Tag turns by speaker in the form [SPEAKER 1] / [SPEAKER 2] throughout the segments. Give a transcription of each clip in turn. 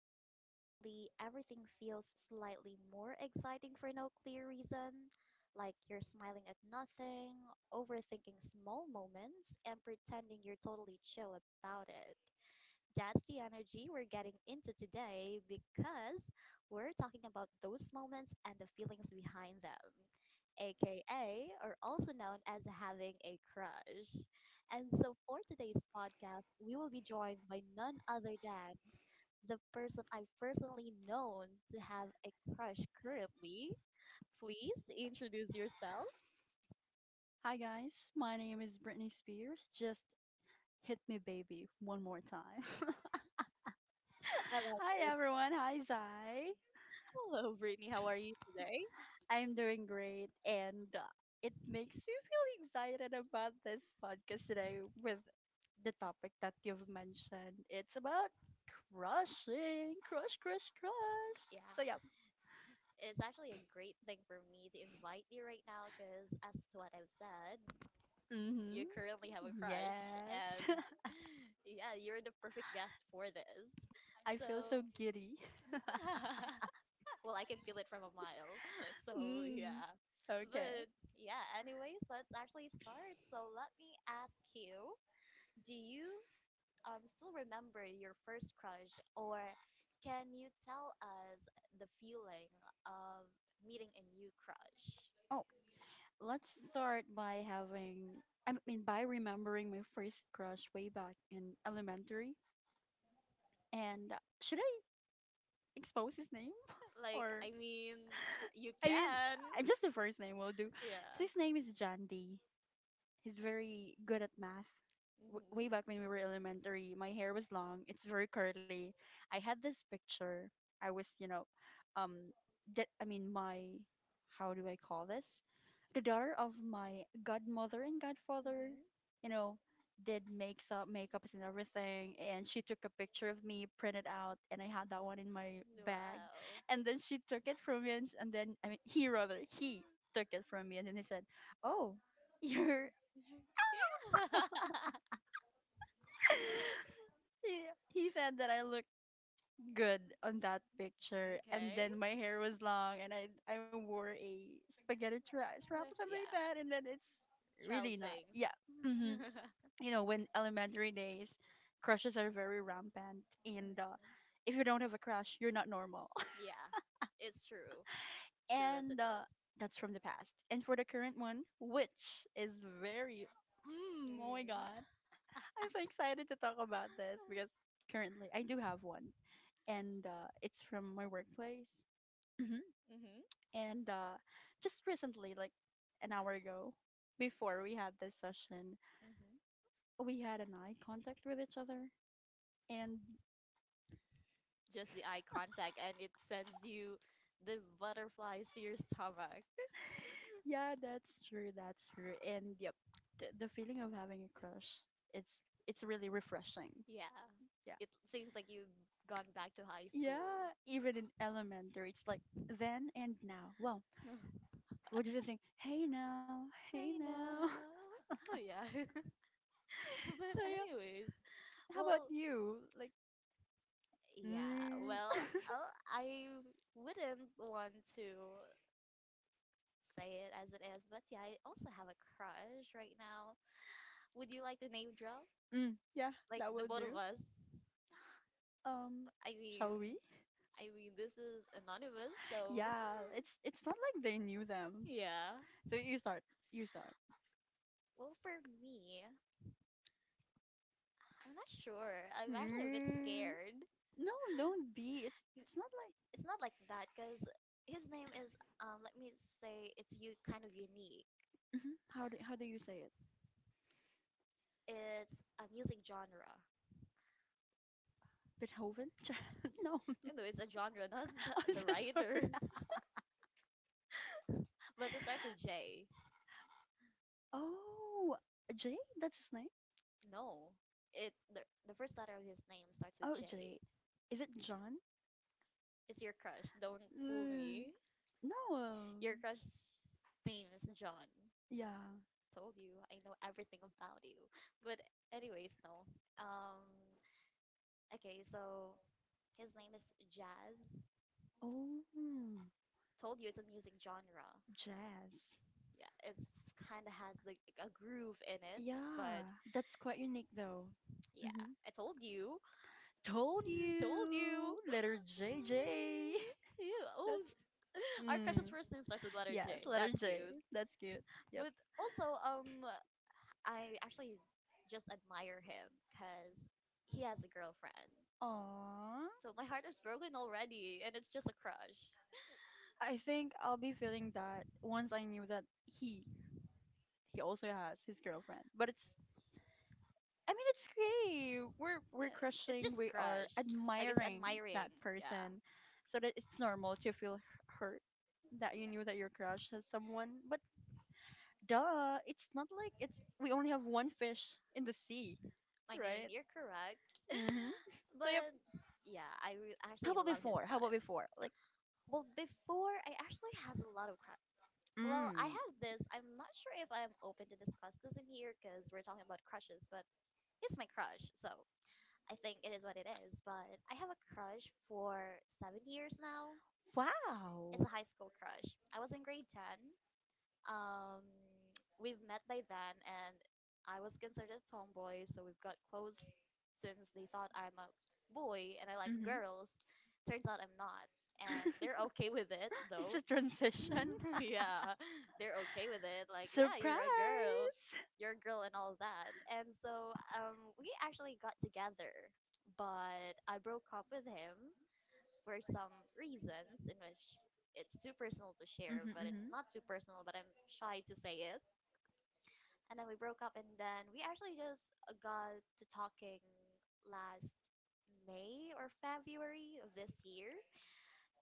[SPEAKER 1] noticed how suddenly everything feels slightly more exciting for no clear reason? Like you're smiling at nothing, overthinking small moments, and pretending you're totally chill about it. That's the energy we're getting into today because we're talking about those moments and the feelings behind them, aka, or also known as having a crush. And so for today's podcast, we will be joined by none other than the person I've personally known to have a crush currently. Please introduce yourself.
[SPEAKER 2] Hi guys, my name is Brittany Spears. Just hit me, baby, one more time.
[SPEAKER 1] I love
[SPEAKER 2] Hi
[SPEAKER 1] that.
[SPEAKER 2] everyone. Hi Zai.
[SPEAKER 1] Hello, Brittany. How are you today?
[SPEAKER 2] I'm doing great, and it makes me feel excited about this podcast today with the topic that you've mentioned. It's about crushing, crush, crush, crush.
[SPEAKER 1] Yeah,
[SPEAKER 2] So yeah.
[SPEAKER 1] it's actually a great thing for me to invite you right now because, as to what I've said, you
[SPEAKER 2] Mm-hmm.
[SPEAKER 1] currently have a crush, and
[SPEAKER 2] Yes.
[SPEAKER 1] yeah, you're the perfect guest for this.
[SPEAKER 2] I feel so
[SPEAKER 1] so,
[SPEAKER 2] giddy.
[SPEAKER 1] I can feel it from a mile. So,
[SPEAKER 2] Mm.
[SPEAKER 1] yeah.
[SPEAKER 2] Okay.
[SPEAKER 1] But yeah, anyways, let's actually start. So, let me ask you, do you still remember your first crush, or can you tell us the feeling of meeting a new crush?
[SPEAKER 2] Oh, let's start I mean, by remembering my first crush way back in elementary. And should I expose his name?
[SPEAKER 1] Like,
[SPEAKER 2] Or,
[SPEAKER 1] I mean, you
[SPEAKER 2] I mean,
[SPEAKER 1] can.
[SPEAKER 2] just the first name will do.
[SPEAKER 1] Yeah.
[SPEAKER 2] So his name is Jandy. He's very good at math. W-
[SPEAKER 1] hmm
[SPEAKER 2] way back when we were elementary, my hair was long. It's very curly. I had this picture. I was, you know, um, that I mean, my how do I call this? The daughter of my godmother and godfather,
[SPEAKER 1] hmm
[SPEAKER 2] you know, did makes up makeups and everything, and she took a picture of me, printed out, and I had that one in my bag,
[SPEAKER 1] Wow.
[SPEAKER 2] and then she took it from me, and then I mean, he rather he took it from me, and then he said, "Oh." you're."
[SPEAKER 1] Yeah.
[SPEAKER 2] he, he said that I looked good on that picture, and then my hair was long, and I wore a spaghetti strap or something like that, and then it's really not. Yeah, hmm, you know, when elementary days, crushes are very rampant, and
[SPEAKER 1] Mhm.
[SPEAKER 2] if you don't have a crush, you're not normal.
[SPEAKER 1] Yeah. It's true. True as it
[SPEAKER 2] and
[SPEAKER 1] is.
[SPEAKER 2] that's from the past. And for the current one, which is very, mm, oh my
[SPEAKER 1] Mm.
[SPEAKER 2] god, I'm so excited to talk about this because currently I do have one and it's from my workplace. Hmm.
[SPEAKER 1] hmm
[SPEAKER 2] And just recently, like an hour ago, before we had this session,
[SPEAKER 1] hmm
[SPEAKER 2] we had an eye contact with each other. And
[SPEAKER 1] Just the eye contact, and it sends you the butterflies to your stomach.
[SPEAKER 2] yeah, that's true. That's true. And yep, the feeling of having a crush, it's it's really refreshing.
[SPEAKER 1] Yeah.
[SPEAKER 2] Yeah.
[SPEAKER 1] It seems like you've gone back to high school.
[SPEAKER 2] Yeah, even in elementary, it's like then and now. Well, we're just saying, hey now, hey
[SPEAKER 1] I know.
[SPEAKER 2] now.
[SPEAKER 1] Oh, yeah. But
[SPEAKER 2] So yeah,
[SPEAKER 1] anyways,
[SPEAKER 2] how about
[SPEAKER 1] well,
[SPEAKER 2] you? Like,
[SPEAKER 1] yeah,
[SPEAKER 2] mm.
[SPEAKER 1] well, oh, I wouldn't want to say it as it is, but yeah, I also have a crush right now. Would you like to name drop?
[SPEAKER 2] Mm, yeah,
[SPEAKER 1] Like
[SPEAKER 2] that
[SPEAKER 1] the
[SPEAKER 2] will
[SPEAKER 1] both of
[SPEAKER 2] do.
[SPEAKER 1] us.
[SPEAKER 2] Um,
[SPEAKER 1] I mean,
[SPEAKER 2] shall we?
[SPEAKER 1] I mean, this is anonymous, so
[SPEAKER 2] Yeah, it's not like they knew them.
[SPEAKER 1] yeah.
[SPEAKER 2] So you start. You start.
[SPEAKER 1] Well, for me, I'm not sure. I'm actually a bit
[SPEAKER 2] Mm.
[SPEAKER 1] scared.
[SPEAKER 2] No, don't be.
[SPEAKER 1] N-
[SPEAKER 2] It's not like,
[SPEAKER 1] It's not like that because his name is Let me say it's you kind of unique.
[SPEAKER 2] mhm. How do you say it?
[SPEAKER 1] It's a music genre.
[SPEAKER 2] Beethoven? No.
[SPEAKER 1] You know, it's a genre, not
[SPEAKER 2] I'm
[SPEAKER 1] the
[SPEAKER 2] so sorry.
[SPEAKER 1] writer. But it starts with J.
[SPEAKER 2] Oh, Jay, that's his name.
[SPEAKER 1] No, it the first letter of his name starts with
[SPEAKER 2] Oh,
[SPEAKER 1] J.
[SPEAKER 2] Jay, is it John?
[SPEAKER 1] It's your crush. Don't fool
[SPEAKER 2] Mm,
[SPEAKER 1] me.
[SPEAKER 2] no.
[SPEAKER 1] Your crush's name is John.
[SPEAKER 2] Yeah.
[SPEAKER 1] Told you, I know everything about you. But anyways, no. Um. Okay, so his name is Jazz.
[SPEAKER 2] Oh,
[SPEAKER 1] Told you, it's a music genre.
[SPEAKER 2] jazz.
[SPEAKER 1] Yeah, it's kind of has like a groove in it. But
[SPEAKER 2] Yeah, that's quite unique though.
[SPEAKER 1] yeah,
[SPEAKER 2] Hmm.
[SPEAKER 1] I told you.
[SPEAKER 2] Told
[SPEAKER 1] Told you.
[SPEAKER 2] you, letter J.
[SPEAKER 1] J.
[SPEAKER 2] J.
[SPEAKER 1] Yeah.
[SPEAKER 2] That's
[SPEAKER 1] Oh, our crush's
[SPEAKER 2] mm.
[SPEAKER 1] first name starts with letter
[SPEAKER 2] Yes,
[SPEAKER 1] J.
[SPEAKER 2] letter
[SPEAKER 1] That's
[SPEAKER 2] J.
[SPEAKER 1] cute.
[SPEAKER 2] That's cute. Yep.
[SPEAKER 1] But also, I actually just admire him because he has a girlfriend.
[SPEAKER 2] Aww.
[SPEAKER 1] So my heart is broken already, and it's just a crush.
[SPEAKER 2] I think I'll be feeling that once I knew that he also has his girlfriend, but it's I mean, it's great.
[SPEAKER 1] Yeah,
[SPEAKER 2] We're
[SPEAKER 1] it's
[SPEAKER 2] crushing.
[SPEAKER 1] just
[SPEAKER 2] We are
[SPEAKER 1] crush. Like it's
[SPEAKER 2] admiring that
[SPEAKER 1] admiring. Yeah,
[SPEAKER 2] person, so that it's normal to feel hurt that you knew that your crush has someone. But duh, it's not like it's we only have one fish in the sea,
[SPEAKER 1] I mean
[SPEAKER 2] right?
[SPEAKER 1] you're correct,
[SPEAKER 2] Mhm. So yep.
[SPEAKER 1] but yeah,
[SPEAKER 2] How
[SPEAKER 1] actually
[SPEAKER 2] about
[SPEAKER 1] love his
[SPEAKER 2] before? How about
[SPEAKER 1] styles.
[SPEAKER 2] before? Like,
[SPEAKER 1] Well, before I actually has a lot of crushes. Well, Mm-hmm. I
[SPEAKER 2] mm,
[SPEAKER 1] have this. I'm not sure if I'm open to discuss this in here because we're talking about crushes, but he's my crush, so I think it is what it is. But I have a crush for 7 years now. It's
[SPEAKER 2] wow.
[SPEAKER 1] a high school crush. I was in grade 10. Um, we've met by then, and I was considered a tomboy, so we've got close since they thought I'm a boy and I like
[SPEAKER 2] Hmm.
[SPEAKER 1] girls. Turns out I'm not, and they're okay with it
[SPEAKER 2] It's
[SPEAKER 1] though.
[SPEAKER 2] a transition.
[SPEAKER 1] Yeah, they're okay with it. Like, yeah,
[SPEAKER 2] Surprise!
[SPEAKER 1] you're a girl, and all that. And so, we actually got together, but I broke up with him for some reasons in which it's too personal to share,
[SPEAKER 2] Mm-hmm,
[SPEAKER 1] but it's
[SPEAKER 2] mm-hmm.
[SPEAKER 1] not too personal, but I'm shy to say it. And then we broke up, and then we actually just got to talking last May or February of this year.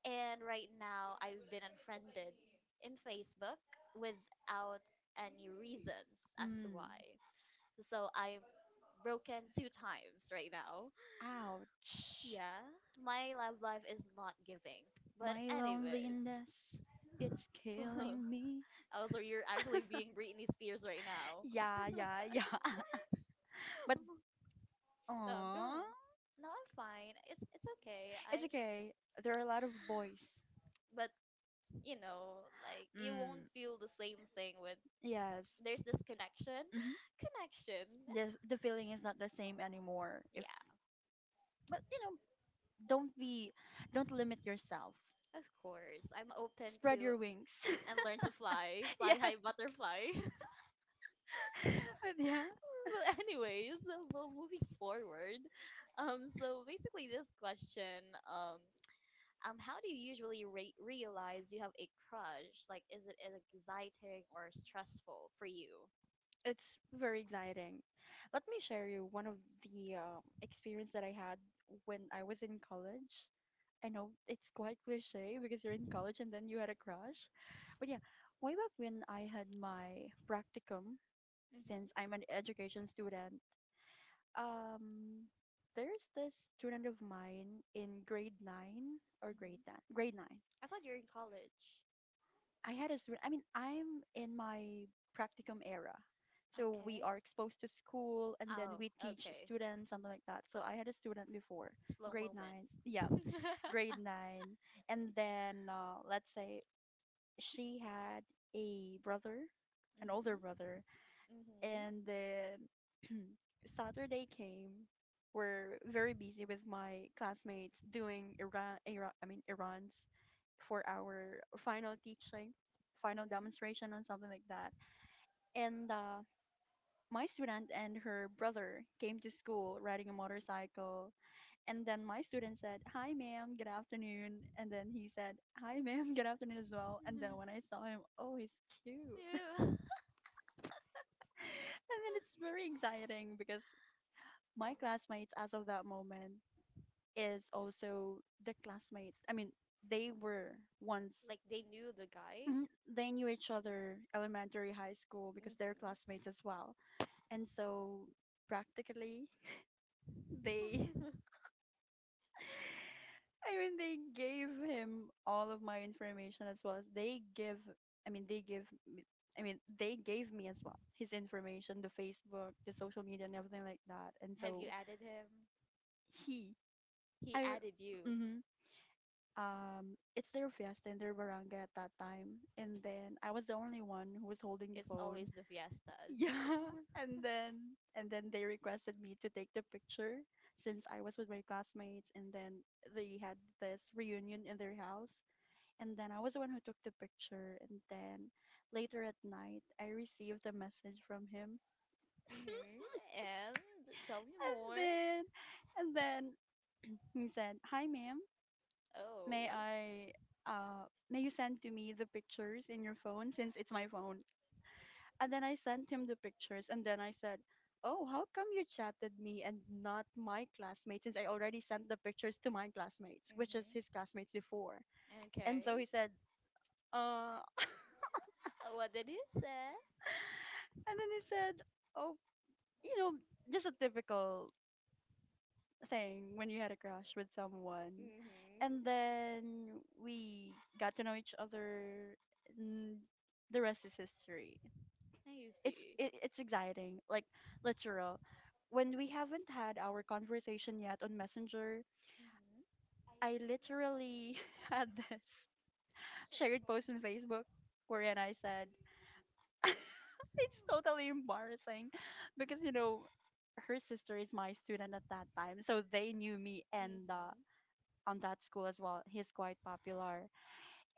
[SPEAKER 1] And right now, I've been unfriended in Facebook without any reasons as to
[SPEAKER 2] Mm.
[SPEAKER 1] why. So I'm broken two times right now.
[SPEAKER 2] Ouch.
[SPEAKER 1] Yeah, my love life is not giving. But,
[SPEAKER 2] My
[SPEAKER 1] anyways.
[SPEAKER 2] loneliness, it's killing me.
[SPEAKER 1] Oh, so you're actually being Britney Spears right now.
[SPEAKER 2] Yeah, yeah, yeah. But,
[SPEAKER 1] No,
[SPEAKER 2] aw,
[SPEAKER 1] go. No, I'm fine. It's okay.
[SPEAKER 2] it's
[SPEAKER 1] I
[SPEAKER 2] okay. There are a lot of boys.
[SPEAKER 1] but you know, like you won't
[SPEAKER 2] Mm,
[SPEAKER 1] feel the same thing with
[SPEAKER 2] yes.
[SPEAKER 1] there's this connection.
[SPEAKER 2] Hmm.
[SPEAKER 1] Connection.
[SPEAKER 2] The feeling is not the same anymore. If
[SPEAKER 1] Yeah,
[SPEAKER 2] but you know, don't be, don't limit yourself.
[SPEAKER 1] of course. I'm open to
[SPEAKER 2] Spread your wings.
[SPEAKER 1] and learn to fly.
[SPEAKER 2] Yeah,
[SPEAKER 1] Fly high butterfly.
[SPEAKER 2] but yeah,
[SPEAKER 1] But anyways, well moving forward. So basically this question how do you usually realize you have a crush? Like, is it exciting or stressful for you?
[SPEAKER 2] it's very exciting. Let me share you one of the experience that I had when I was in college. I know it's quite cliche because you're in college and then you had a crush. But yeah, way back when I had my practicum
[SPEAKER 1] Mm-hmm.
[SPEAKER 2] since I'm an education student, um, there's this student of mine in grade nine or grade
[SPEAKER 1] hmm
[SPEAKER 2] ten, grade 9.
[SPEAKER 1] I thought you're in college.
[SPEAKER 2] I had a student. I mean, I'm in my practicum era, so we
[SPEAKER 1] Okay.
[SPEAKER 2] are exposed to school, and then
[SPEAKER 1] Oh,
[SPEAKER 2] we teach
[SPEAKER 1] okay.
[SPEAKER 2] students something like that. So I had a student before
[SPEAKER 1] Slow
[SPEAKER 2] grade 9. Yeah,
[SPEAKER 1] moments.
[SPEAKER 2] grade 9, and then let's say she had a brother, an older brother,
[SPEAKER 1] hmm
[SPEAKER 2] and then Saturday came. We're very busy with my classmates doing Iran, Iran I mean Iran's for our final teaching, final
[SPEAKER 1] hmm
[SPEAKER 2] demonstration and something like that. And my student and her brother came to school riding a motorcycle. And then my student said, "Hi, ma'am. Good afternoon." And then he said, "Hi, ma'am. Good afternoon as well." And then when I saw him, oh, he's cute.
[SPEAKER 1] Oh, yeah.
[SPEAKER 2] And then it's very exciting because my classmates, as of that moment, is also the classmate. I mean, they were once,
[SPEAKER 1] Like they knew the guy.
[SPEAKER 2] mhm, they knew each other elementary, high school because they're classmates as well. And so practically they I mean they gave him all of my information as well as they give I mean they give me I mean they gave me as well his information, the Facebook, the social media and everything like that. And
[SPEAKER 1] Have so you
[SPEAKER 2] so
[SPEAKER 1] added him?
[SPEAKER 2] he
[SPEAKER 1] He
[SPEAKER 2] I
[SPEAKER 1] added you.
[SPEAKER 2] mm-hmm, um, it's their fiesta in their barangay at that time and then I was the only one who was holding the
[SPEAKER 1] Always
[SPEAKER 2] phone.
[SPEAKER 1] the fiestas.
[SPEAKER 2] Yeah. And then they requested me to take the picture since I was with my classmates and then they had this reunion in their house and then I was the one who took the picture and then later at night I received a message from him.
[SPEAKER 1] Yeah. hmm And tell me
[SPEAKER 2] and
[SPEAKER 1] more.
[SPEAKER 2] then and then he said, hi ma'am, May
[SPEAKER 1] Oh.
[SPEAKER 2] I uh may you send to me the pictures in your phone since it's my phone? And then I sent him the pictures and then I said, "Oh, how come you chatted me and not my classmates since I already sent the pictures to my classmates, which is his classmates before?" And so
[SPEAKER 1] Okay.
[SPEAKER 2] he said, "Uh."
[SPEAKER 1] What did he say?
[SPEAKER 2] And then he said, "Oh, you know, just a typical
[SPEAKER 1] I
[SPEAKER 2] thing when you
[SPEAKER 1] see.
[SPEAKER 2] had a crush with someone. And then we got to know each other and the rest is history. It's exciting. Like literal. When we haven't had our conversation yet on Messenger,
[SPEAKER 1] Mhm.
[SPEAKER 2] I literally had this shared post on Facebook wherein I said it's totally embarrassing because you know her sister is my student at that time so they knew me and
[SPEAKER 1] Mhm.
[SPEAKER 2] on that school as well. He's quite popular.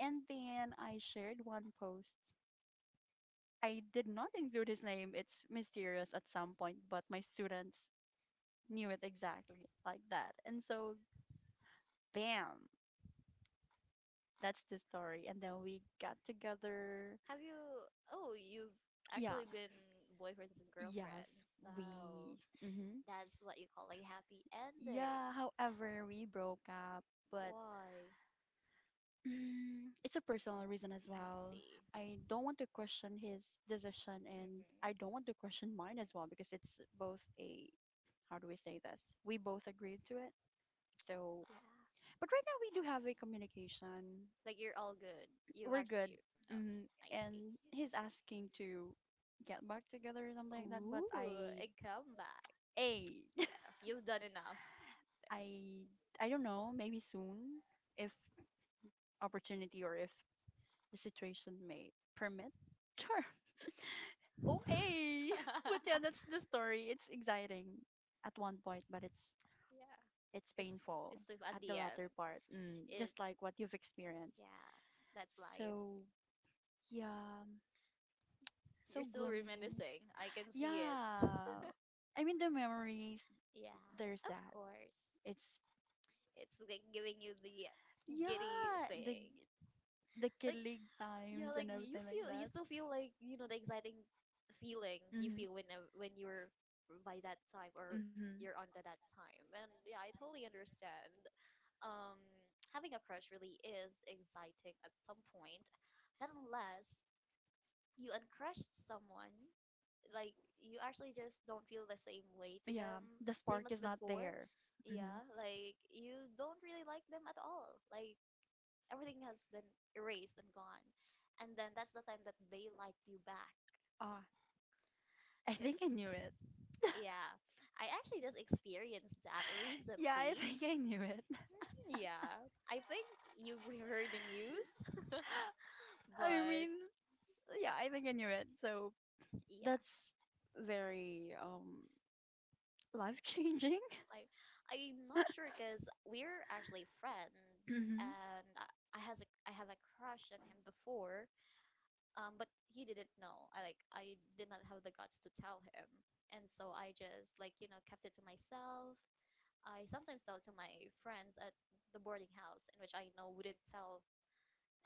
[SPEAKER 2] And then I shared one post. I did not include his name. It's mysterious at some point, but my students knew it exactly like that. And so, bam, that's the story. And then we got together.
[SPEAKER 1] Have you? Oh, you've
[SPEAKER 2] Yeah,
[SPEAKER 1] actually been boyfriends and
[SPEAKER 2] yes,
[SPEAKER 1] girlfriends. So
[SPEAKER 2] we. Hmm.
[SPEAKER 1] that's what you call a happy ending.
[SPEAKER 2] Yeah, however, we broke up, but
[SPEAKER 1] Why?
[SPEAKER 2] mm, it's a personal reason as
[SPEAKER 1] I
[SPEAKER 2] well.
[SPEAKER 1] see.
[SPEAKER 2] I
[SPEAKER 1] Hmm
[SPEAKER 2] don't want to
[SPEAKER 1] Yeah.
[SPEAKER 2] question his decision, and I don't want to question mine as well because it's both a how do we say this? We both agreed to it. So, but right now we do have a communication.
[SPEAKER 1] Like you're all good. You
[SPEAKER 2] We're good.
[SPEAKER 1] actually. Oh,
[SPEAKER 2] Mm,
[SPEAKER 1] I see.
[SPEAKER 2] and he's asking to get back together or something like that.
[SPEAKER 1] Ooh, a comeback.
[SPEAKER 2] A,
[SPEAKER 1] Yeah, you've done enough.
[SPEAKER 2] I, I don't know. Maybe soon, if opportunity or if the situation may permit. Sure. Oh, hey! But yeah, that's the story. It's exciting at one point, but
[SPEAKER 1] yeah.
[SPEAKER 2] it's
[SPEAKER 1] It's,
[SPEAKER 2] painful
[SPEAKER 1] it's still at
[SPEAKER 2] at the
[SPEAKER 1] the end.
[SPEAKER 2] latter part. Mm,
[SPEAKER 1] It.
[SPEAKER 2] just like what you've experienced.
[SPEAKER 1] Yeah, that's life.
[SPEAKER 2] So yeah,
[SPEAKER 1] You're
[SPEAKER 2] so
[SPEAKER 1] still
[SPEAKER 2] gloomy.
[SPEAKER 1] reminiscing. I can see it.
[SPEAKER 2] Yeah, I mean the memories. There's that. It's
[SPEAKER 1] It's like giving you the giddy
[SPEAKER 2] yeah,
[SPEAKER 1] thing.
[SPEAKER 2] the
[SPEAKER 1] Like
[SPEAKER 2] killing
[SPEAKER 1] yeah,
[SPEAKER 2] times
[SPEAKER 1] like
[SPEAKER 2] and
[SPEAKER 1] you
[SPEAKER 2] everything like
[SPEAKER 1] feel you
[SPEAKER 2] that.
[SPEAKER 1] still feel like, you know, the exciting feeling you
[SPEAKER 2] Hmm.
[SPEAKER 1] feel when you're by that time or you're under that time. And yeah, I totally understand.
[SPEAKER 2] Hmm.
[SPEAKER 1] Um having a crush really is exciting at some point. Not unless you uncrushed someone
[SPEAKER 2] Yeah,
[SPEAKER 1] like you actually just don't feel the same way to
[SPEAKER 2] yeah,
[SPEAKER 1] them, same
[SPEAKER 2] spark
[SPEAKER 1] as
[SPEAKER 2] is not people.
[SPEAKER 1] before.
[SPEAKER 2] There. Hmm.
[SPEAKER 1] Yeah, like you don't really like them at all. Like everything has been erased and gone. And then that's the time that they liked you back.
[SPEAKER 2] Like ah, I
[SPEAKER 1] 'Ca-
[SPEAKER 2] think I knew it.
[SPEAKER 1] Yeah, I actually just experienced that
[SPEAKER 2] Yeah, I
[SPEAKER 1] recently.
[SPEAKER 2] think I knew it.
[SPEAKER 1] Mhm, yeah, I think you've heard the news,
[SPEAKER 2] I
[SPEAKER 1] but
[SPEAKER 2] mean, yeah, I think I knew it. So
[SPEAKER 1] yeah.
[SPEAKER 2] that's very life changing.
[SPEAKER 1] Like, I'm not sure because we're actually friends,
[SPEAKER 2] Hmm. Um,
[SPEAKER 1] and I has a I have a crush on him before, but he didn't know. I like I did not have the guts to tell him, and so I just like you know kept it to myself. I sometimes tell it to my friends at the boarding house, in which I know wouldn't tell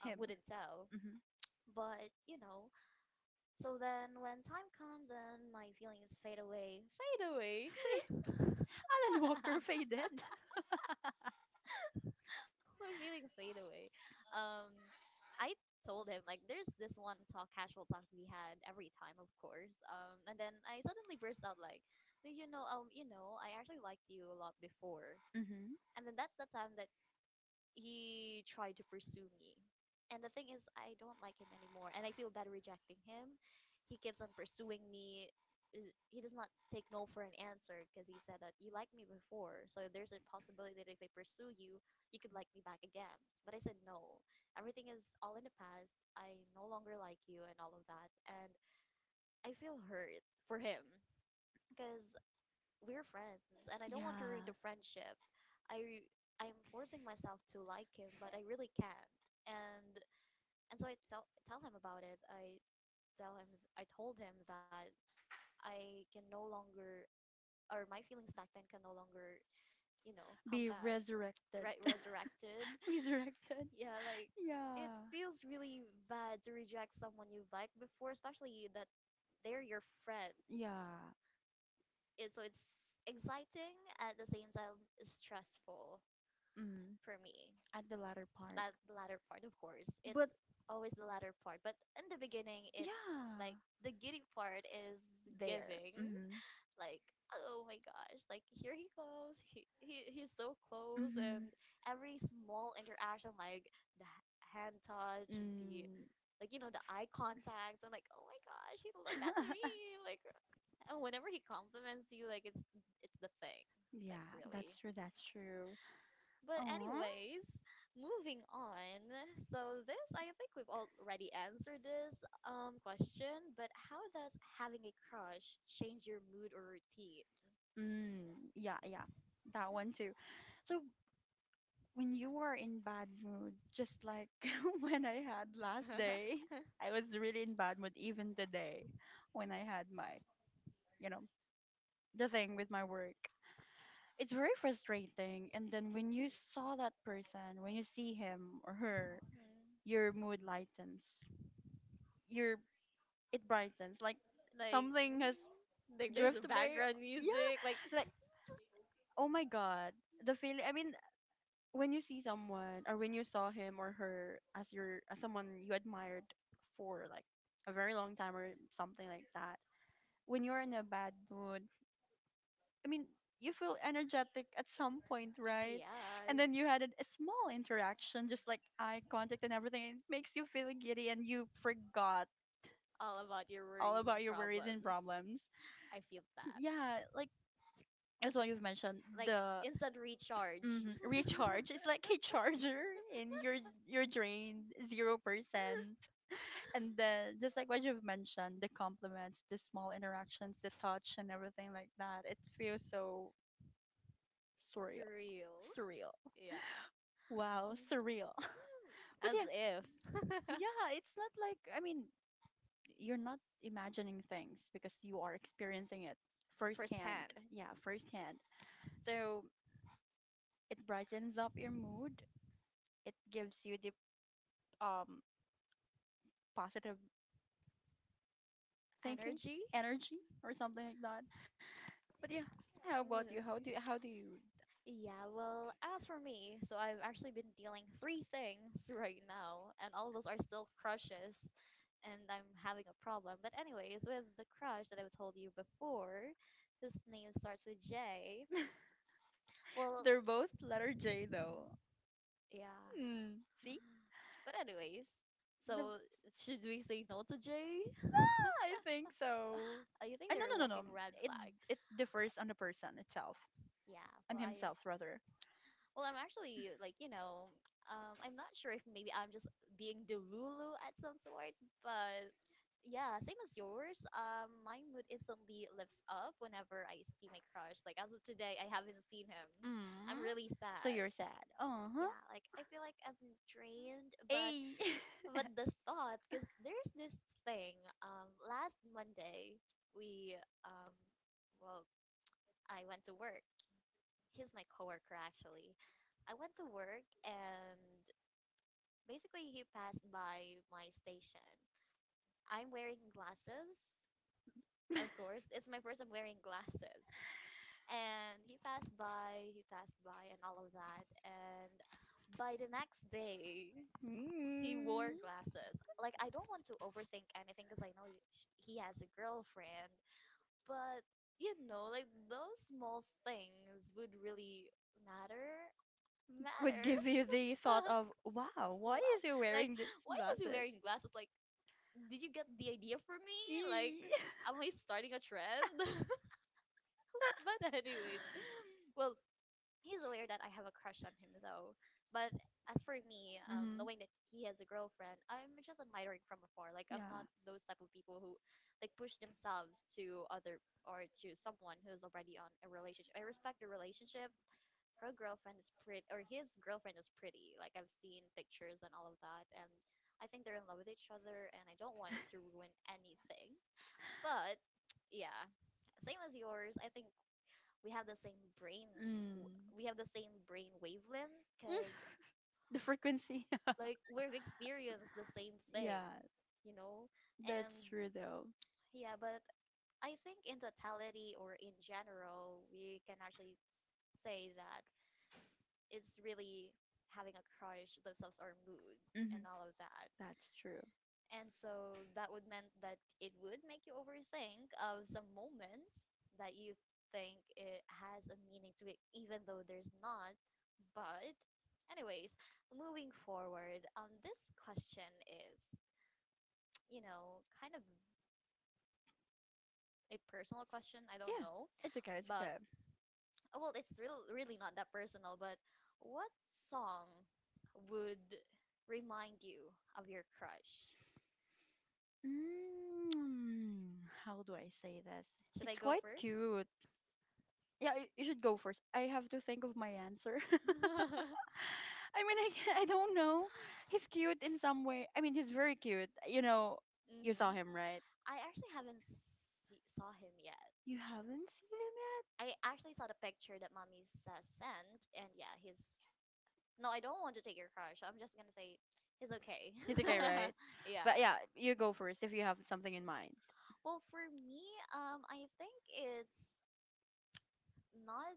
[SPEAKER 2] him.
[SPEAKER 1] wouldn't tell. But you know, so then when time comes and my feelings fade away.
[SPEAKER 2] Fade. Alan Walker faded.
[SPEAKER 1] My feelings fade away. Um, I told him like there's this one talk, casual talk we had every time, of course. And then I suddenly burst out like, did you know? You know, I actually liked you a lot before.
[SPEAKER 2] Hmm.
[SPEAKER 1] And then that's the time that he tried to pursue me. And the thing is, I don't like him anymore, and I feel bad rejecting him. He keeps on pursuing me. He does not take no for an answer because he said that you liked me before, so there's a possibility that if I pursue you, you could like me back again. But I said no. Everything is all in the past. I no longer like you and all of that, and I feel hurt for him because we're friends, and I don't want to ruin the friendship. I I'm forcing myself to like him, but I really can't. And and so I tell him about it. I tell him I told him that I can no longer or my feelings back then can no longer, you know, come
[SPEAKER 2] Be
[SPEAKER 1] back
[SPEAKER 2] resurrected.
[SPEAKER 1] right resurrected.
[SPEAKER 2] Resurrected. Resurrected.
[SPEAKER 1] Yeah, like
[SPEAKER 2] It
[SPEAKER 1] it
[SPEAKER 2] yeah.
[SPEAKER 1] feels really bad to reject someone you've liked before, especially that they're your friends
[SPEAKER 2] Yeah.
[SPEAKER 1] it, so it's exciting at the same time stressful
[SPEAKER 2] Mm.
[SPEAKER 1] for
[SPEAKER 2] For
[SPEAKER 1] me
[SPEAKER 2] latter,
[SPEAKER 1] that the latter part,
[SPEAKER 2] latter
[SPEAKER 1] of course
[SPEAKER 2] part, of course. Yes,
[SPEAKER 1] it's
[SPEAKER 2] but
[SPEAKER 1] always the latter part, but in the beginning it like the giddy part is giving
[SPEAKER 2] mm-hmm.
[SPEAKER 1] like
[SPEAKER 2] Oh,
[SPEAKER 1] oh my gosh like here he comes he's so close and
[SPEAKER 2] mm,
[SPEAKER 1] every small interaction like the hand touch the
[SPEAKER 2] mm.
[SPEAKER 1] like you know the eye contact and like oh my gosh he looked at me like and whenever he compliments you, like it's the thing, like
[SPEAKER 2] Yeah,
[SPEAKER 1] really.
[SPEAKER 2] that's true. That's true.
[SPEAKER 1] But
[SPEAKER 2] Oh,
[SPEAKER 1] anyways, moving on. So this, I think we've already answered this question. But how does having a crush change your mood or routine?
[SPEAKER 2] mm, yeah, yeah, that one too. So when you are in bad mood, just like when I had last day, I was really in bad mood even today when I had my, you know, the thing with my work. It's very frustrating. And then when you saw that person, when you see him or her,
[SPEAKER 1] Hmm.
[SPEAKER 2] your mood lightens your it brightens like
[SPEAKER 1] like
[SPEAKER 2] something has
[SPEAKER 1] like there's a
[SPEAKER 2] drifted away,
[SPEAKER 1] background music like
[SPEAKER 2] yeah, like oh my god, the feeling I mean when you see someone or when you saw him or her as your as someone you admired for like a very long time or something like that, when you're in a bad mood, I mean you feel energetic at some point, right? And then
[SPEAKER 1] yes
[SPEAKER 2] you had a small interaction just like eye contact and everything and it makes you feel giddy and you forgot
[SPEAKER 1] all about your
[SPEAKER 2] all
[SPEAKER 1] worries
[SPEAKER 2] about
[SPEAKER 1] and
[SPEAKER 2] your worries
[SPEAKER 1] problems.
[SPEAKER 2] and problems.
[SPEAKER 1] I feel that.
[SPEAKER 2] Yeah, like as what you've mentioned,
[SPEAKER 1] Like
[SPEAKER 2] the
[SPEAKER 1] instant recharge.
[SPEAKER 2] mhm, recharge is like a charger, and you're drained 0%. And then just like what you've mentioned, the compliments, the small interactions, the touch, and everything like that. It feels so
[SPEAKER 1] It's
[SPEAKER 2] surreal,
[SPEAKER 1] real.
[SPEAKER 2] surreal.
[SPEAKER 1] Yeah.
[SPEAKER 2] Wow, surreal. But
[SPEAKER 1] As
[SPEAKER 2] yeah,
[SPEAKER 1] if.
[SPEAKER 2] yeah, it's not like I mean, you're not imagining things because you are experiencing it
[SPEAKER 1] First
[SPEAKER 2] firsthand.
[SPEAKER 1] hand
[SPEAKER 2] Yeah, firsthand. So, it brightens up your mood. It gives you the um positive thinking,
[SPEAKER 1] energy.
[SPEAKER 2] energy, or something like that. But yeah, how about
[SPEAKER 1] No.
[SPEAKER 2] you? How do you?
[SPEAKER 1] Yeah, well, as for me, so I've actually been dealing three things right now, and all of those are still crushes, and I'm having a problem. But anyways, with the crush that I've told you before, his name starts with J. Well,
[SPEAKER 2] They're both letter J though.
[SPEAKER 1] yeah.
[SPEAKER 2] Hmm. See
[SPEAKER 1] But anyways,
[SPEAKER 2] the.
[SPEAKER 1] so should we say no to J?
[SPEAKER 2] Ah, I think so.
[SPEAKER 1] I think
[SPEAKER 2] Ah, no,
[SPEAKER 1] they're
[SPEAKER 2] no, no, no.
[SPEAKER 1] walking red
[SPEAKER 2] It
[SPEAKER 1] flag.
[SPEAKER 2] it differs on the person itself.
[SPEAKER 1] Yeah,
[SPEAKER 2] I'm
[SPEAKER 1] well, I
[SPEAKER 2] himself rather.
[SPEAKER 1] well, I'm actually like, you know, I'm not sure if maybe I'm just being delulu at some sort, but yeah, same as yours. My mood instantly lifts up whenever I see my crush. Like as of today, I haven't seen him. I'm
[SPEAKER 2] Mm.
[SPEAKER 1] really
[SPEAKER 2] So
[SPEAKER 1] sad.
[SPEAKER 2] you're sad. Uh huh.
[SPEAKER 1] Yeah, like I feel like I'm drained,
[SPEAKER 2] Hey.
[SPEAKER 1] but the thought, because there's this thing. Last Monday we well, I went to work. He's my coworker actually. I went to work and basically he passed by my station. I'm wearing glasses, of course. It's my first time wearing glasses. And he passed by, and all of that. And by the next day, he
[SPEAKER 2] Mm.
[SPEAKER 1] wore glasses. Like I don't want to overthink anything because I know he has a girlfriend, but you know, like those small things would really matter
[SPEAKER 2] Would
[SPEAKER 1] matter.
[SPEAKER 2] give you the thought of, wow, why
[SPEAKER 1] Wow.
[SPEAKER 2] is he
[SPEAKER 1] Like,
[SPEAKER 2] wearing these
[SPEAKER 1] why is he
[SPEAKER 2] glasses?
[SPEAKER 1] wearing glasses? Like, did you get the idea for me? Like,
[SPEAKER 2] Eee.
[SPEAKER 1] am I starting a trend? But anyways, well, he's aware that I have a crush on him though. But as for me,
[SPEAKER 2] Mhm.
[SPEAKER 1] knowing that he has a girlfriend, I'm just admiring from afar. Like, I'm
[SPEAKER 2] Yeah.
[SPEAKER 1] not those type of people who, like, push themselves to other or to someone who's already on a relationship. I respect the relationship. Her girlfriend is pretty, or his girlfriend is pretty. Like I've seen pictures and all of that, and I think they're in love with each other, and I don't want to ruin anything. But yeah, same as yours. I think we have the same
[SPEAKER 2] Mm.
[SPEAKER 1] we have the same brain wavelength
[SPEAKER 2] Mm.
[SPEAKER 1] because
[SPEAKER 2] The frequency.
[SPEAKER 1] like we've experienced the same
[SPEAKER 2] Yeah,
[SPEAKER 1] thing, you know.
[SPEAKER 2] that's
[SPEAKER 1] And
[SPEAKER 2] true though.
[SPEAKER 1] yeah, but I think in totality or in general, we can actually say that it's really having a crush themselves or mood and
[SPEAKER 2] Hmm.
[SPEAKER 1] all of that.
[SPEAKER 2] That's true.
[SPEAKER 1] And so that would meant that it would make you overthink of some moments that you think it has a meaning to it even though there's not. But anyways, moving forward, this question is, you know, kind of a personal question, I don't
[SPEAKER 2] Yeah,
[SPEAKER 1] know,
[SPEAKER 2] it's okay. It's
[SPEAKER 1] but
[SPEAKER 2] okay.
[SPEAKER 1] well, it's real, really not that personal, but what song would remind you of your crush?
[SPEAKER 2] Mm, how do I say this?
[SPEAKER 1] Should I
[SPEAKER 2] It's
[SPEAKER 1] go What?
[SPEAKER 2] quite
[SPEAKER 1] First?
[SPEAKER 2] cute. Yeah, you should go first. I have to think of my answer.
[SPEAKER 1] Dude, you.
[SPEAKER 2] I mean, I don't know. He's cute in some way. I mean, he's very cute. You know, you saw
[SPEAKER 1] Hmm.
[SPEAKER 2] him, right?
[SPEAKER 1] I actually haven't see, saw him yet.
[SPEAKER 2] You haven't seen him yet?
[SPEAKER 1] I actually saw the picture that mommy sent, and yeah, he's. No, I don't want to take your crush. I'm just gonna say he's okay.
[SPEAKER 2] He's okay, right?
[SPEAKER 1] Yeah.
[SPEAKER 2] But yeah, you go first if you have something in mind.
[SPEAKER 1] Well, for me, I think it's not.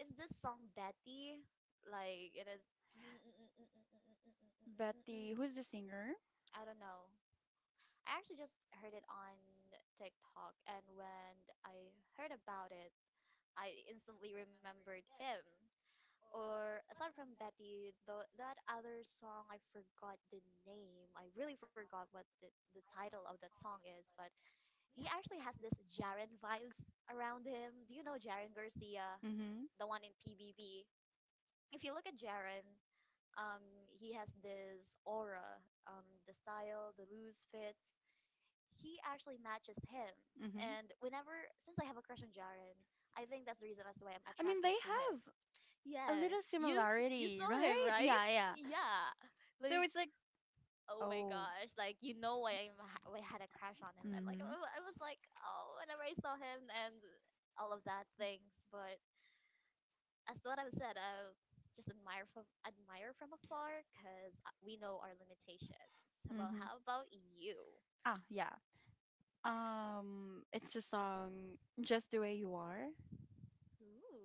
[SPEAKER 1] Is this song Betty? Like it is.
[SPEAKER 2] Betty, who's the singer?
[SPEAKER 1] I don't know. I actually just heard it on TikTok, and when I heard about it, I instantly remembered him. Or aside from Betty, the that other song, I forgot the name. I really forgot what the title of that song is, but he actually has this Jaren vibes around him. Do you know Jaren Garcia,
[SPEAKER 2] Mm-hmm.
[SPEAKER 1] the one in PBB? If you look at Jaren, um, he has this aura, the style, the loose fits. He actually matches him.
[SPEAKER 2] Mm-hmm.
[SPEAKER 1] And whenever, since I have a crush on Jaren, I think that's the reason as to why I'm
[SPEAKER 2] I mean, they
[SPEAKER 1] attracted to him.
[SPEAKER 2] have. A
[SPEAKER 1] Yeah,
[SPEAKER 2] little
[SPEAKER 1] you
[SPEAKER 2] similarity,
[SPEAKER 1] saw him,
[SPEAKER 2] right?
[SPEAKER 1] right?
[SPEAKER 2] Yeah, yeah.
[SPEAKER 1] Yeah,
[SPEAKER 2] So
[SPEAKER 1] like
[SPEAKER 2] it's like,
[SPEAKER 1] oh my
[SPEAKER 2] oh.
[SPEAKER 1] gosh, like you know why why I had a crush on him, and like
[SPEAKER 2] Mm-hmm.
[SPEAKER 1] I was like oh whenever I saw him and all of that things, but as what I've said, I just admire from afar because we know our limitations. So, well,
[SPEAKER 2] Mm-hmm.
[SPEAKER 1] how about you?
[SPEAKER 2] Ah, yeah. It's a song, Just the Way You Are.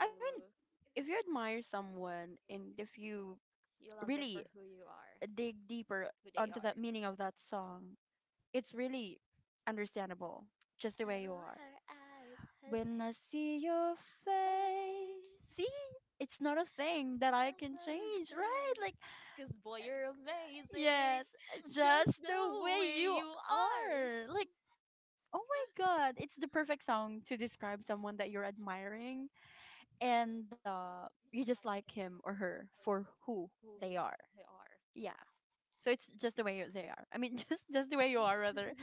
[SPEAKER 2] I mean, if you admire someone and if you
[SPEAKER 1] you love them
[SPEAKER 2] really
[SPEAKER 1] for who you are,
[SPEAKER 2] dig deeper
[SPEAKER 1] who they
[SPEAKER 2] onto
[SPEAKER 1] are.
[SPEAKER 2] that meaning of that song, it's really understandable, just the way you
[SPEAKER 1] Oh,
[SPEAKER 2] are.
[SPEAKER 1] her eyes, her
[SPEAKER 2] When
[SPEAKER 1] face.
[SPEAKER 2] I see your face. See? It's not a thing that I can change, right? Like,
[SPEAKER 1] Because boy, you're amazing.
[SPEAKER 2] yes,
[SPEAKER 1] Just
[SPEAKER 2] just the
[SPEAKER 1] the
[SPEAKER 2] way
[SPEAKER 1] way
[SPEAKER 2] you
[SPEAKER 1] you are.
[SPEAKER 2] are. Like, oh my god, it's the perfect song to describe someone that you're admiring and you just like him or her for who
[SPEAKER 1] Who
[SPEAKER 2] they
[SPEAKER 1] we-
[SPEAKER 2] are.
[SPEAKER 1] they are.
[SPEAKER 2] Yeah.
[SPEAKER 1] Yeah.
[SPEAKER 2] So it's just the way they are. I mean, just the way you are, rather.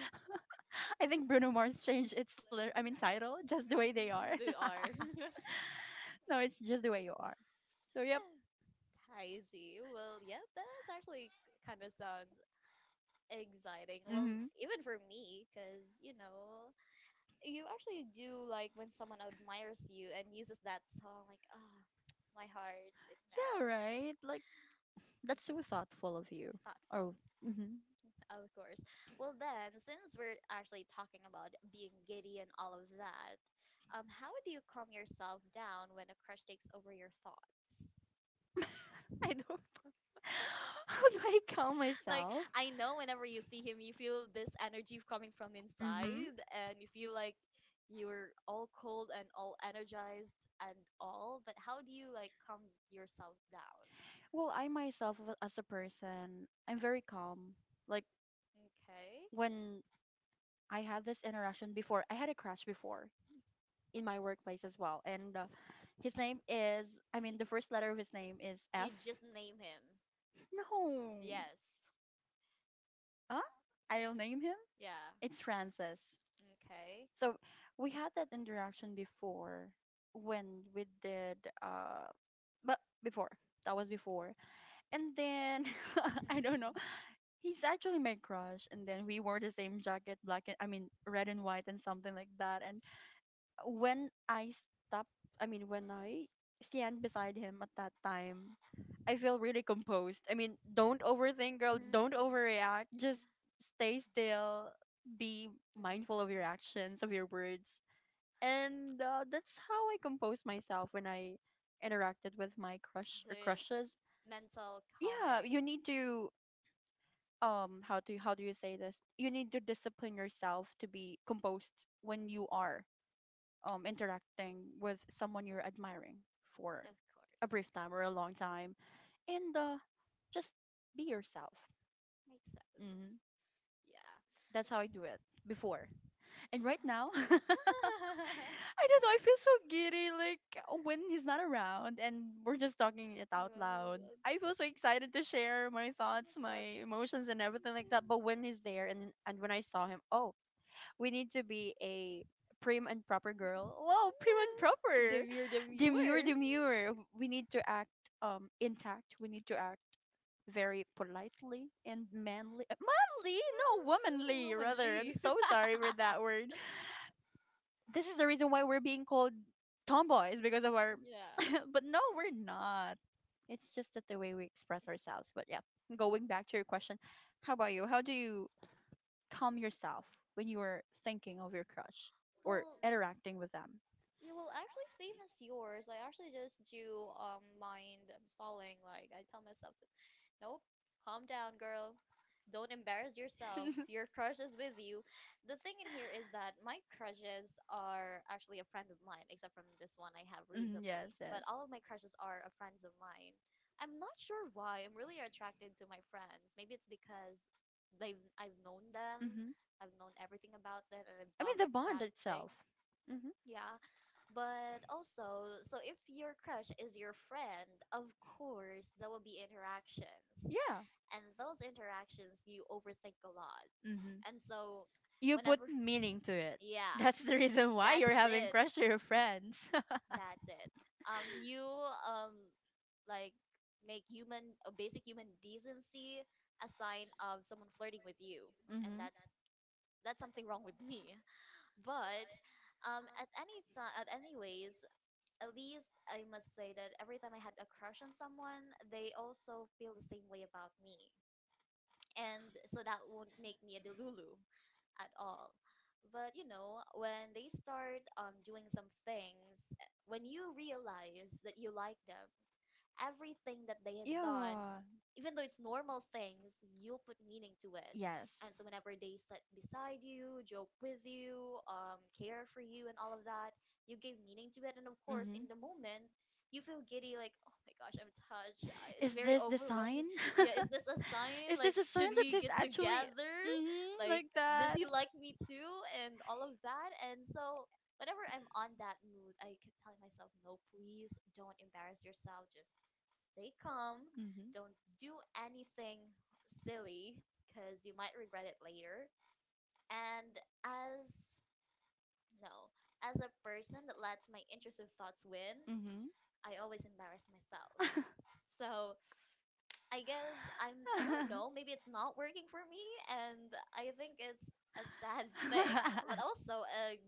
[SPEAKER 2] I think Bruno Mars changed its, I mean, title, just the way they are.
[SPEAKER 1] They are.
[SPEAKER 2] No, it's just the way you are. So yeah.
[SPEAKER 1] I see. Well, yeah, that's actually kind of sounds exciting. Well,
[SPEAKER 2] Mm-hmm.
[SPEAKER 1] even for me, because, you know, you actually do like when someone admires you and uses that song, like, ah, my heart, it
[SPEAKER 2] Yeah,
[SPEAKER 1] melts.
[SPEAKER 2] right. Like, that's so thoughtful of you. Or,
[SPEAKER 1] Thoughtful.
[SPEAKER 2] mm-hmm.
[SPEAKER 1] Of course. Well, then, since we're actually talking about being giddy and all of that, how do you calm yourself down when a crush takes over your thoughts?
[SPEAKER 2] I don't. How do I calm
[SPEAKER 1] Like,
[SPEAKER 2] myself?
[SPEAKER 1] I know whenever you see him, you feel this energy coming from inside, and you feel like you're all cold and all energized and all, but how do you, like, calm yourself down?
[SPEAKER 2] Well, I myself as a person, I'm very calm. Like,
[SPEAKER 1] Okay.
[SPEAKER 2] when I had this interaction before, I had a crush before in my workplace as well, and his name is. I mean, the first letter of his name is F.
[SPEAKER 1] You just name him.
[SPEAKER 2] No.
[SPEAKER 1] Yes.
[SPEAKER 2] Huh?
[SPEAKER 1] Yeah.
[SPEAKER 2] I'll name him.
[SPEAKER 1] Yeah.
[SPEAKER 2] It's Francis.
[SPEAKER 1] Okay.
[SPEAKER 2] So we had that interaction before when we did uh but before. That was before. And then I don't know. He's actually my crush and then we wore the same jacket, black and I mean red and white and something like that. And when I stopped I mean when I stand beside him at that time,
[SPEAKER 1] I don't.
[SPEAKER 2] I feel really composed. I mean, don't overthink, girl, don't overreact. Just stay still, be
[SPEAKER 1] Be V-.
[SPEAKER 2] mindful of your actions, of your words, and that's how I composed myself when I interacted with my crush or crushes.
[SPEAKER 1] It's mental.
[SPEAKER 2] Yeah,
[SPEAKER 1] Yeah,
[SPEAKER 2] you need to how do you say this? You need to discipline yourself to be composed when you are interacting with someone you're admiring for
[SPEAKER 1] for.
[SPEAKER 2] a
[SPEAKER 1] Of a.
[SPEAKER 2] brief time or a long time, and just be yourself.
[SPEAKER 1] Makes hmm sense.
[SPEAKER 2] Hmm.
[SPEAKER 1] Mm. Yeah.
[SPEAKER 2] That's how I do it before. And right now, I don't know. I feel so giddy, like when he's not around, and we're just talking it out loud. I feel so excited to share my thoughts, my emotions, and everything like that. But when he's there, and when I saw him,
[SPEAKER 1] When.
[SPEAKER 2] oh, we need to be a prim and proper girl. Whoa, prim and proper, demure, demure. We need to act intact. We need to act very politely and manly. Manly, no, womanly rather. I'm so sorry for that word. This is the reason why we're being called tomboys because of our
[SPEAKER 1] Yeah.
[SPEAKER 2] but no, we're not. It's just that the way we express ourselves, but yeah, going back to your question, how about you? How do you calm yourself when you are thinking of your crush or
[SPEAKER 1] Well,
[SPEAKER 2] interacting with them?
[SPEAKER 1] you will actually same as yours. I actually just do mind stalling. Like I tell myself to. Nope. Calm down, girl. Don't embarrass yourself. Your crush is with you. The thing in here is that my crushes are actually a friend of mine, except from this one I have
[SPEAKER 2] Mhm, yes,
[SPEAKER 1] recently.
[SPEAKER 2] yes.
[SPEAKER 1] But all of my crushes are a friends of mine. I'm not sure why. I'm really attracted to my friends. Maybe it's because they've I've known them.
[SPEAKER 2] Hmm.
[SPEAKER 1] I've known everything about them and I
[SPEAKER 2] I mean,
[SPEAKER 1] love
[SPEAKER 2] the bond
[SPEAKER 1] that thing.
[SPEAKER 2] itself. Hmm.
[SPEAKER 1] Yeah. But also, so if your crush is your friend, of course, there will be interactions.
[SPEAKER 2] Yeah.
[SPEAKER 1] And those interactions, you overthink a lot. And
[SPEAKER 2] Hmm.
[SPEAKER 1] so,
[SPEAKER 2] You put
[SPEAKER 1] whenever.
[SPEAKER 2] meaning to it.
[SPEAKER 1] Yeah.
[SPEAKER 2] That's the reason why
[SPEAKER 1] That's
[SPEAKER 2] you're having
[SPEAKER 1] it.
[SPEAKER 2] crush to your friends.
[SPEAKER 1] That's it. You um like make human a basic human decency a sign of someone flirting with you, and
[SPEAKER 2] Hmm.
[SPEAKER 1] that's something wrong with me. But at any time, at anyways, at least I must say that every time I had a crush on someone, they also feel the same way about me. And so that won't make me a delulu at all. But you know, when they start doing some things, when you realize that you like them, everything that they had done
[SPEAKER 2] Yeah.
[SPEAKER 1] even though it's normal things, you will put meaning to it.
[SPEAKER 2] Yes.
[SPEAKER 1] And so whenever they sit beside you, joke with you, care for you and all of that, you give meaning to it. And of course in
[SPEAKER 2] Hmm.
[SPEAKER 1] the moment you feel giddy like oh my gosh, I'm it's
[SPEAKER 2] Is
[SPEAKER 1] very
[SPEAKER 2] this the sign?
[SPEAKER 1] overwhelming. Yeah, is this a sign,
[SPEAKER 2] Is
[SPEAKER 1] like
[SPEAKER 2] this a sign
[SPEAKER 1] should
[SPEAKER 2] that
[SPEAKER 1] we
[SPEAKER 2] is
[SPEAKER 1] get
[SPEAKER 2] actually,
[SPEAKER 1] together,
[SPEAKER 2] mm-hmm,
[SPEAKER 1] like
[SPEAKER 2] like
[SPEAKER 1] does
[SPEAKER 2] that?
[SPEAKER 1] he like
[SPEAKER 2] Mm-hmm.
[SPEAKER 1] me too, and all of that. And so whenever I'm on that mood, I keep telling myself, no, please don't embarrass yourself, just stay calm, don't do anything silly because you might regret it later. And as no, as a person that lets my intrusive thoughts win,
[SPEAKER 2] Mm-hmm.
[SPEAKER 1] I always embarrass myself. So I guess I don't know, maybe it's not working for me. And I think it's a sad thing, but also a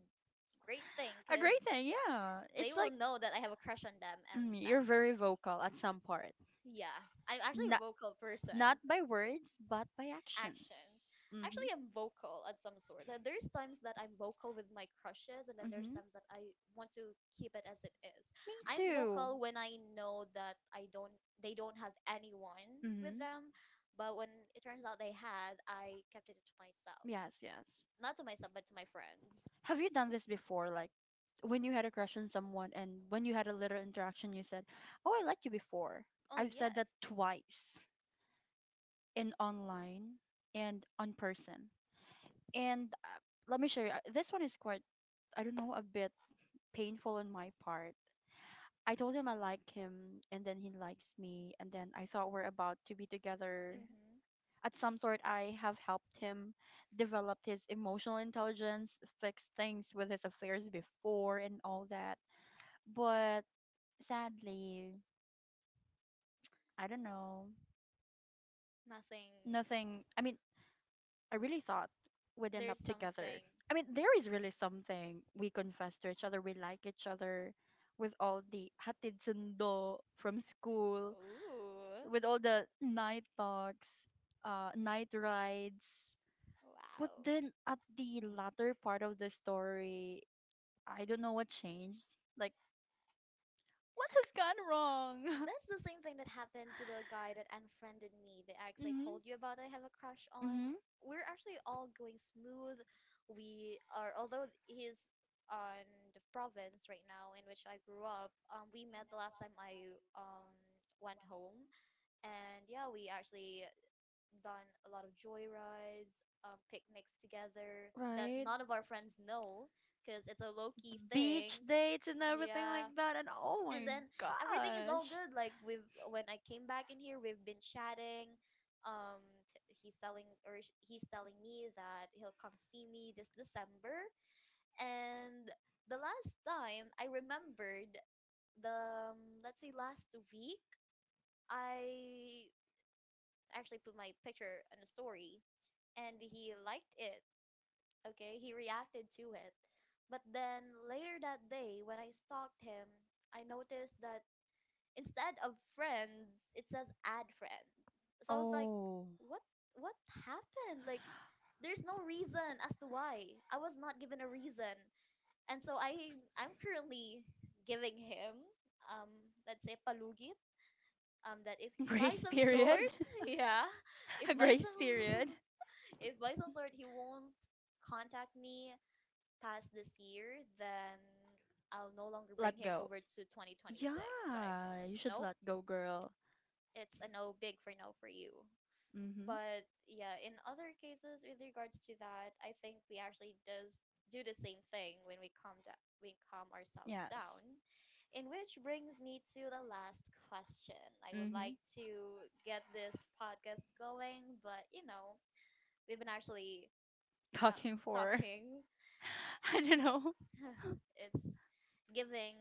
[SPEAKER 1] great thing
[SPEAKER 2] A
[SPEAKER 1] because
[SPEAKER 2] great thing, yeah.
[SPEAKER 1] they
[SPEAKER 2] It's
[SPEAKER 1] will
[SPEAKER 2] like
[SPEAKER 1] know that I have a crush on them, and
[SPEAKER 2] you're
[SPEAKER 1] that's.
[SPEAKER 2] very vocal at some part.
[SPEAKER 1] Yeah. I'm actually a
[SPEAKER 2] Not,
[SPEAKER 1] vocal person.
[SPEAKER 2] not by words, but by actions.
[SPEAKER 1] Action.
[SPEAKER 2] Mm-hmm.
[SPEAKER 1] Actually, I'm vocal at some sort. There's times that I'm vocal with my crushes, and then there's
[SPEAKER 2] Mm-hmm.
[SPEAKER 1] times that I want to keep it as it is.
[SPEAKER 2] Me
[SPEAKER 1] I'm
[SPEAKER 2] too.
[SPEAKER 1] vocal when I know that I don't, they don't have anyone with
[SPEAKER 2] Mm-hmm.
[SPEAKER 1] them, but when it turns out they had, I kept it to myself.
[SPEAKER 2] Yes, yes.
[SPEAKER 1] Not to myself, but to my friends.
[SPEAKER 2] Have you done this before? Like, when you had a crush on someone and when you had a little interaction, you said, "Oh, I liked you before."
[SPEAKER 1] Oh
[SPEAKER 2] I've said
[SPEAKER 1] yes.
[SPEAKER 2] that twice in online and on person. And let me share. This one is quite, I don't know, a bit painful on my part. I told him I like him, and then he likes me, and then I thought we're about to be together.
[SPEAKER 1] Mm-hmm.
[SPEAKER 2] At some sort, I have helped him develop his emotional intelligence, fix things with his affairs before, and all that. But sadly, I don't know.
[SPEAKER 1] Nothing.
[SPEAKER 2] Nothing. I mean, I really thought we'd end
[SPEAKER 1] There's
[SPEAKER 2] up together.
[SPEAKER 1] something.
[SPEAKER 2] I mean, there is really something we confess to each other. We like each other with all the hatid sundo from school,
[SPEAKER 1] Ooh.
[SPEAKER 2] with all the night talks, night rides. But
[SPEAKER 1] Wow.
[SPEAKER 2] then at the latter part of the story, I don't know what changed. Like, what has gone wrong?
[SPEAKER 1] That's the same thing that happened to the guy that unfriended me, the ex I told you about that I have a crush on.
[SPEAKER 2] Mhm.
[SPEAKER 1] We're actually all going smooth. We are, although he's on the province right now in which I grew up. We met the last time I went home. And yeah, we actually done a lot of joyrides, picnics together that
[SPEAKER 2] Right?
[SPEAKER 1] none of our friends know because it's a low key
[SPEAKER 2] Beach
[SPEAKER 1] thing.
[SPEAKER 2] dates and everything like
[SPEAKER 1] Yeah.
[SPEAKER 2] that, and oh
[SPEAKER 1] And
[SPEAKER 2] my
[SPEAKER 1] then everything is all
[SPEAKER 2] gosh.
[SPEAKER 1] good. Like we've when I came back in here, we've been chatting. Um, he's he's telling me that he'll come see me this December. And the last time I remembered, the let's say last week, I actually put my picture in a story and he liked it. Okay, he reacted to it. But then later that day, when I stalked him, I noticed that instead of friends, it says add friend. So I was like,
[SPEAKER 2] Oh,
[SPEAKER 1] what what happened? Like there's no reason as to why. I was not given a reason. And so I'm currently giving him um let's say palugit that if by
[SPEAKER 2] grace
[SPEAKER 1] some
[SPEAKER 2] period?
[SPEAKER 1] sort, yeah, if
[SPEAKER 2] A
[SPEAKER 1] by
[SPEAKER 2] grace
[SPEAKER 1] some
[SPEAKER 2] period?
[SPEAKER 1] if by some sort he won't contact me past this year, then I'll no longer bring
[SPEAKER 2] Let
[SPEAKER 1] him
[SPEAKER 2] go.
[SPEAKER 1] over to 2026. Like,
[SPEAKER 2] Yeah, you should
[SPEAKER 1] nope,
[SPEAKER 2] let go, girl.
[SPEAKER 1] it's a no for you.
[SPEAKER 2] Mm-hmm.
[SPEAKER 1] But yeah, in other cases with regards to that, I think we actually does do the same thing when we calm down we calm ourselves
[SPEAKER 2] Yes.
[SPEAKER 1] down. In which brings me to the last question. I would
[SPEAKER 2] Hmm.
[SPEAKER 1] like to get this podcast going, but you know, we've been actually
[SPEAKER 2] Talking for,
[SPEAKER 1] talking.
[SPEAKER 2] I don't know.
[SPEAKER 1] It's giving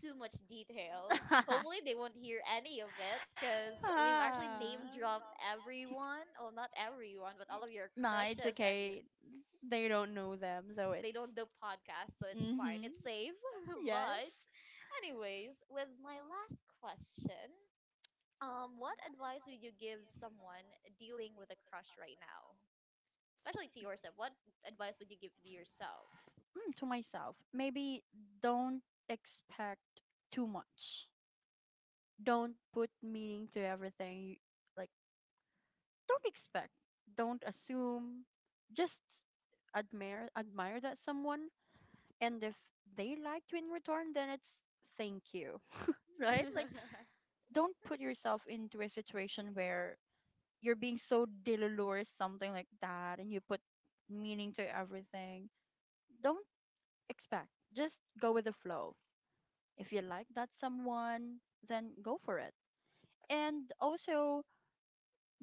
[SPEAKER 1] too much details. Hopefully, they won't hear any of it because we've actually
[SPEAKER 2] Ah.
[SPEAKER 1] name dropped everyone. Well, not everyone, but all of your
[SPEAKER 2] Nah, it's
[SPEAKER 1] crushes and your.
[SPEAKER 2] okay. They don't know them, so
[SPEAKER 1] They
[SPEAKER 2] it's.
[SPEAKER 1] don't do podcast, so it's fine.
[SPEAKER 2] Mm-hmm.
[SPEAKER 1] It's safe.
[SPEAKER 2] Yes.
[SPEAKER 1] But, anyways, with my last question, what advice would you give someone dealing with a crush right now? Especially to yourself, what advice would you give to yourself?
[SPEAKER 2] Mm, to myself, maybe don't expect too much. Don't put meaning to everything. You, like, don't expect, don't assume, just admire that someone, and if they like you in return, then it's thank you. Right? Like, don't put yourself into a situation where you're being so delulu, something like that, and you put meaning to everything. Don't expect. Just go with the flow. If you like that someone, then go for it. And also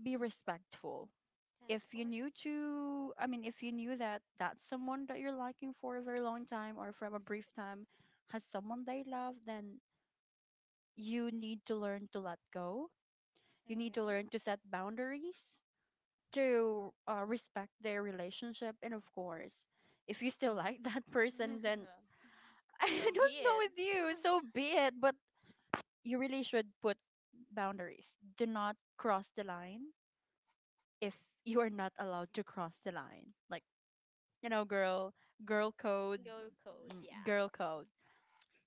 [SPEAKER 2] be respectful
[SPEAKER 1] Yeah, of
[SPEAKER 2] if you knew
[SPEAKER 1] course.
[SPEAKER 2] to I mean, if you knew that that's someone that you're liking for a very long time or from a brief time, has someone they love, then you need to learn to let go. You need to learn to
[SPEAKER 1] Mm-hmm.
[SPEAKER 2] set boundaries, to respect their relationship, and of course if you still like that person, then
[SPEAKER 1] I
[SPEAKER 2] I
[SPEAKER 1] so
[SPEAKER 2] don't
[SPEAKER 1] be
[SPEAKER 2] know
[SPEAKER 1] it.
[SPEAKER 2] with you, so be it,
[SPEAKER 1] want
[SPEAKER 2] but you really should put boundaries. Do not cross the line if you are not allowed to cross the line, like, girl, girl code,
[SPEAKER 1] Go code, yeah.
[SPEAKER 2] girl code.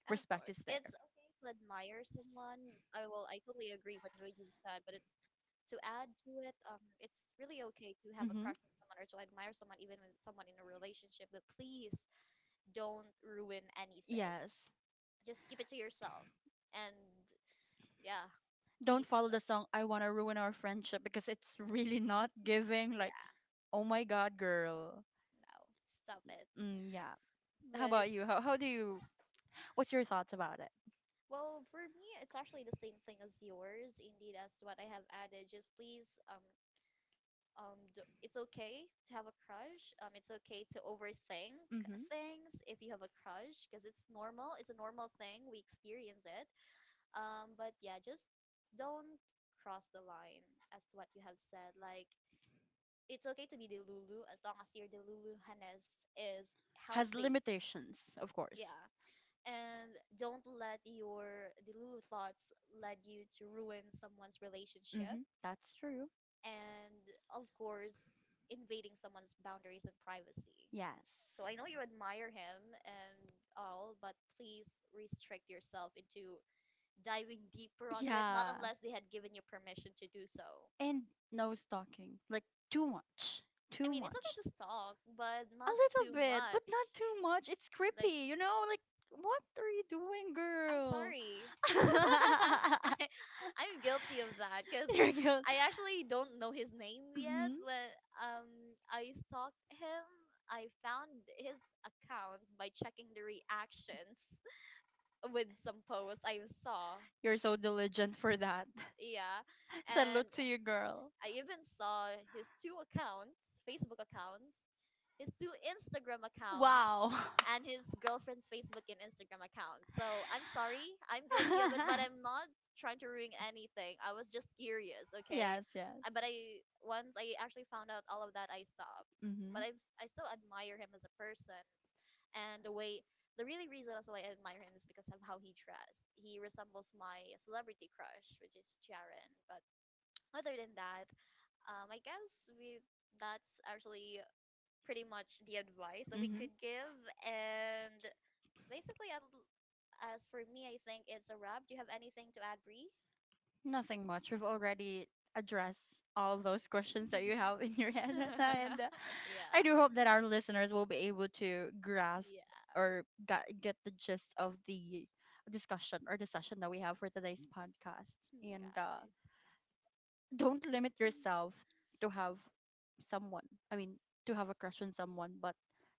[SPEAKER 1] Of just
[SPEAKER 2] Respect
[SPEAKER 1] course.
[SPEAKER 2] is
[SPEAKER 1] It's
[SPEAKER 2] there.
[SPEAKER 1] to admire someone. I totally agree with what you said, but it's to add to it, it's really okay to have a
[SPEAKER 2] Hmm.
[SPEAKER 1] Mm-hmm. crush on someone or to admire someone even with someone in a relationship, but please don't ruin Yeah, anything.
[SPEAKER 2] Yes.
[SPEAKER 1] Just keep it to yourself. And yeah, please.
[SPEAKER 2] Don't follow the song I Wanna Ruin Our Friendship because it's really not giving like,
[SPEAKER 1] Yeah,
[SPEAKER 2] oh my god, girl.
[SPEAKER 1] no, stop it.
[SPEAKER 2] Mm, yeah. How
[SPEAKER 1] But
[SPEAKER 2] about you? How do you What's your thoughts about it?
[SPEAKER 1] well, for me, it's actually the same thing as yours, indeed, as what I have added. Just please, d it's okay to have a crush. It's okay to overthink things if you have a crush, because it's normal. It's a normal thing. We experience it. But yeah, just don't cross the line as to what you have said. Like, it's okay to be the Lulu as long as your the Luluhaness is
[SPEAKER 2] Has
[SPEAKER 1] healthy.
[SPEAKER 2] limitations, of course.
[SPEAKER 1] Yeah. And don't let your the Lulu thoughts lead you to ruin someone's relationship
[SPEAKER 2] Hmm. That's true.
[SPEAKER 1] and of course invading someone's boundaries and privacy.
[SPEAKER 2] Yes.
[SPEAKER 1] So I know you admire him and all, but please restrict yourself into diving deeper onto it, not
[SPEAKER 2] Yeah.
[SPEAKER 1] unless they had given you permission to do so.
[SPEAKER 2] And no stalking. Like, too much.
[SPEAKER 1] I
[SPEAKER 2] Too
[SPEAKER 1] mean, it's
[SPEAKER 2] much.
[SPEAKER 1] okay to stalk, but
[SPEAKER 2] A
[SPEAKER 1] not
[SPEAKER 2] little
[SPEAKER 1] too
[SPEAKER 2] bit, but
[SPEAKER 1] much.
[SPEAKER 2] not too much. It's
[SPEAKER 1] Like,
[SPEAKER 2] creepy, you know? Like, what are you doing,
[SPEAKER 1] I'm
[SPEAKER 2] girl?
[SPEAKER 1] sorry. I, I'm guilty of that because
[SPEAKER 2] You're guilty.
[SPEAKER 1] I actually don't know his name yet,
[SPEAKER 2] Mhm.
[SPEAKER 1] but um, I stalked him. I found his account by checking the reactions with some posts I saw,
[SPEAKER 2] You're so diligent for that.
[SPEAKER 1] yeah. And
[SPEAKER 2] Salute to you, girl.
[SPEAKER 1] I even saw his two accounts, Facebook accounts, his two Instagram accounts
[SPEAKER 2] Wow.
[SPEAKER 1] and his girlfriend's Facebook and Instagram account. So I'm sorry, I'm guilty of it, but I'm not trying to ruin anything. I was just curious, okay.
[SPEAKER 2] Yes, yes.
[SPEAKER 1] But I once I actually found out all of that, I stopped.
[SPEAKER 2] Mm-hmm.
[SPEAKER 1] but i, I still admire him as a person, and the really reason also why I admire him is because of how he dressed. He resembles my celebrity crush, which is Jaren. But other than that, I guess we that's actually pretty much the advice that we
[SPEAKER 2] Mm-hmm.
[SPEAKER 1] could give. And basically, as for me, I think it's a wrap. Do you have anything to add, Bree?
[SPEAKER 2] Nothing much. We've already addressed all those questions that you have in your head, Rana, and
[SPEAKER 1] Yeah.
[SPEAKER 2] I do hope that
[SPEAKER 1] Yeah.
[SPEAKER 2] our listeners will be able to grasp or get the gist of the discussion or the session that we have for today's podcast. And
[SPEAKER 1] Got
[SPEAKER 2] don't limit yourself to have someone. I mean, to have a crush on someone, but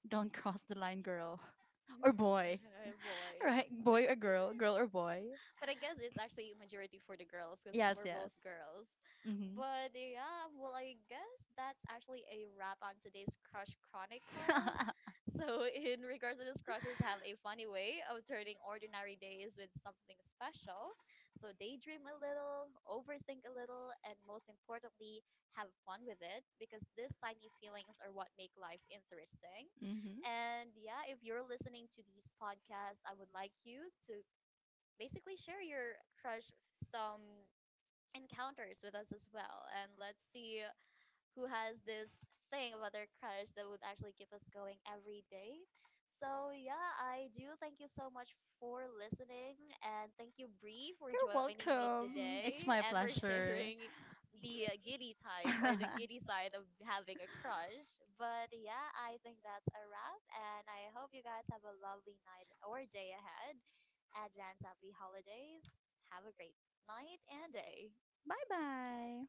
[SPEAKER 2] don't cross the line, girl or boy.
[SPEAKER 1] boy.
[SPEAKER 2] Right? Boy or girl, girl or boy.
[SPEAKER 1] But I guess it's actually majority for the girls because
[SPEAKER 2] Yes,
[SPEAKER 1] we're
[SPEAKER 2] yes.
[SPEAKER 1] both girls.
[SPEAKER 2] Mm-hmm.
[SPEAKER 1] But yeah, well, I guess that's actually a wrap on today's Crush Chronicles. So, in regards to this, crushes have a funny way of turning ordinary days with something special. So, daydream a little, overthink a little, and most importantly, have fun with it because these tiny feelings are what make life interesting.
[SPEAKER 2] Hmm.
[SPEAKER 1] And yeah, if you're listening to these podcasts, I would like you to basically share your crush some encounters with us as well. And let's see who has this thing about their crush that would actually keep us going every day. So yeah, I do thank you so much for listening, and thank you Bree for
[SPEAKER 2] You're
[SPEAKER 1] joining me
[SPEAKER 2] welcome.
[SPEAKER 1] today
[SPEAKER 2] It's my
[SPEAKER 1] and for
[SPEAKER 2] pleasure.
[SPEAKER 1] sharing the giddy
[SPEAKER 2] Bye
[SPEAKER 1] type or the giddy side of having a crush. But yeah, I think that's a wrap and I hope you guys have a lovely night or day ahead. Advance happy holidays. Have a great night and day.
[SPEAKER 2] bye.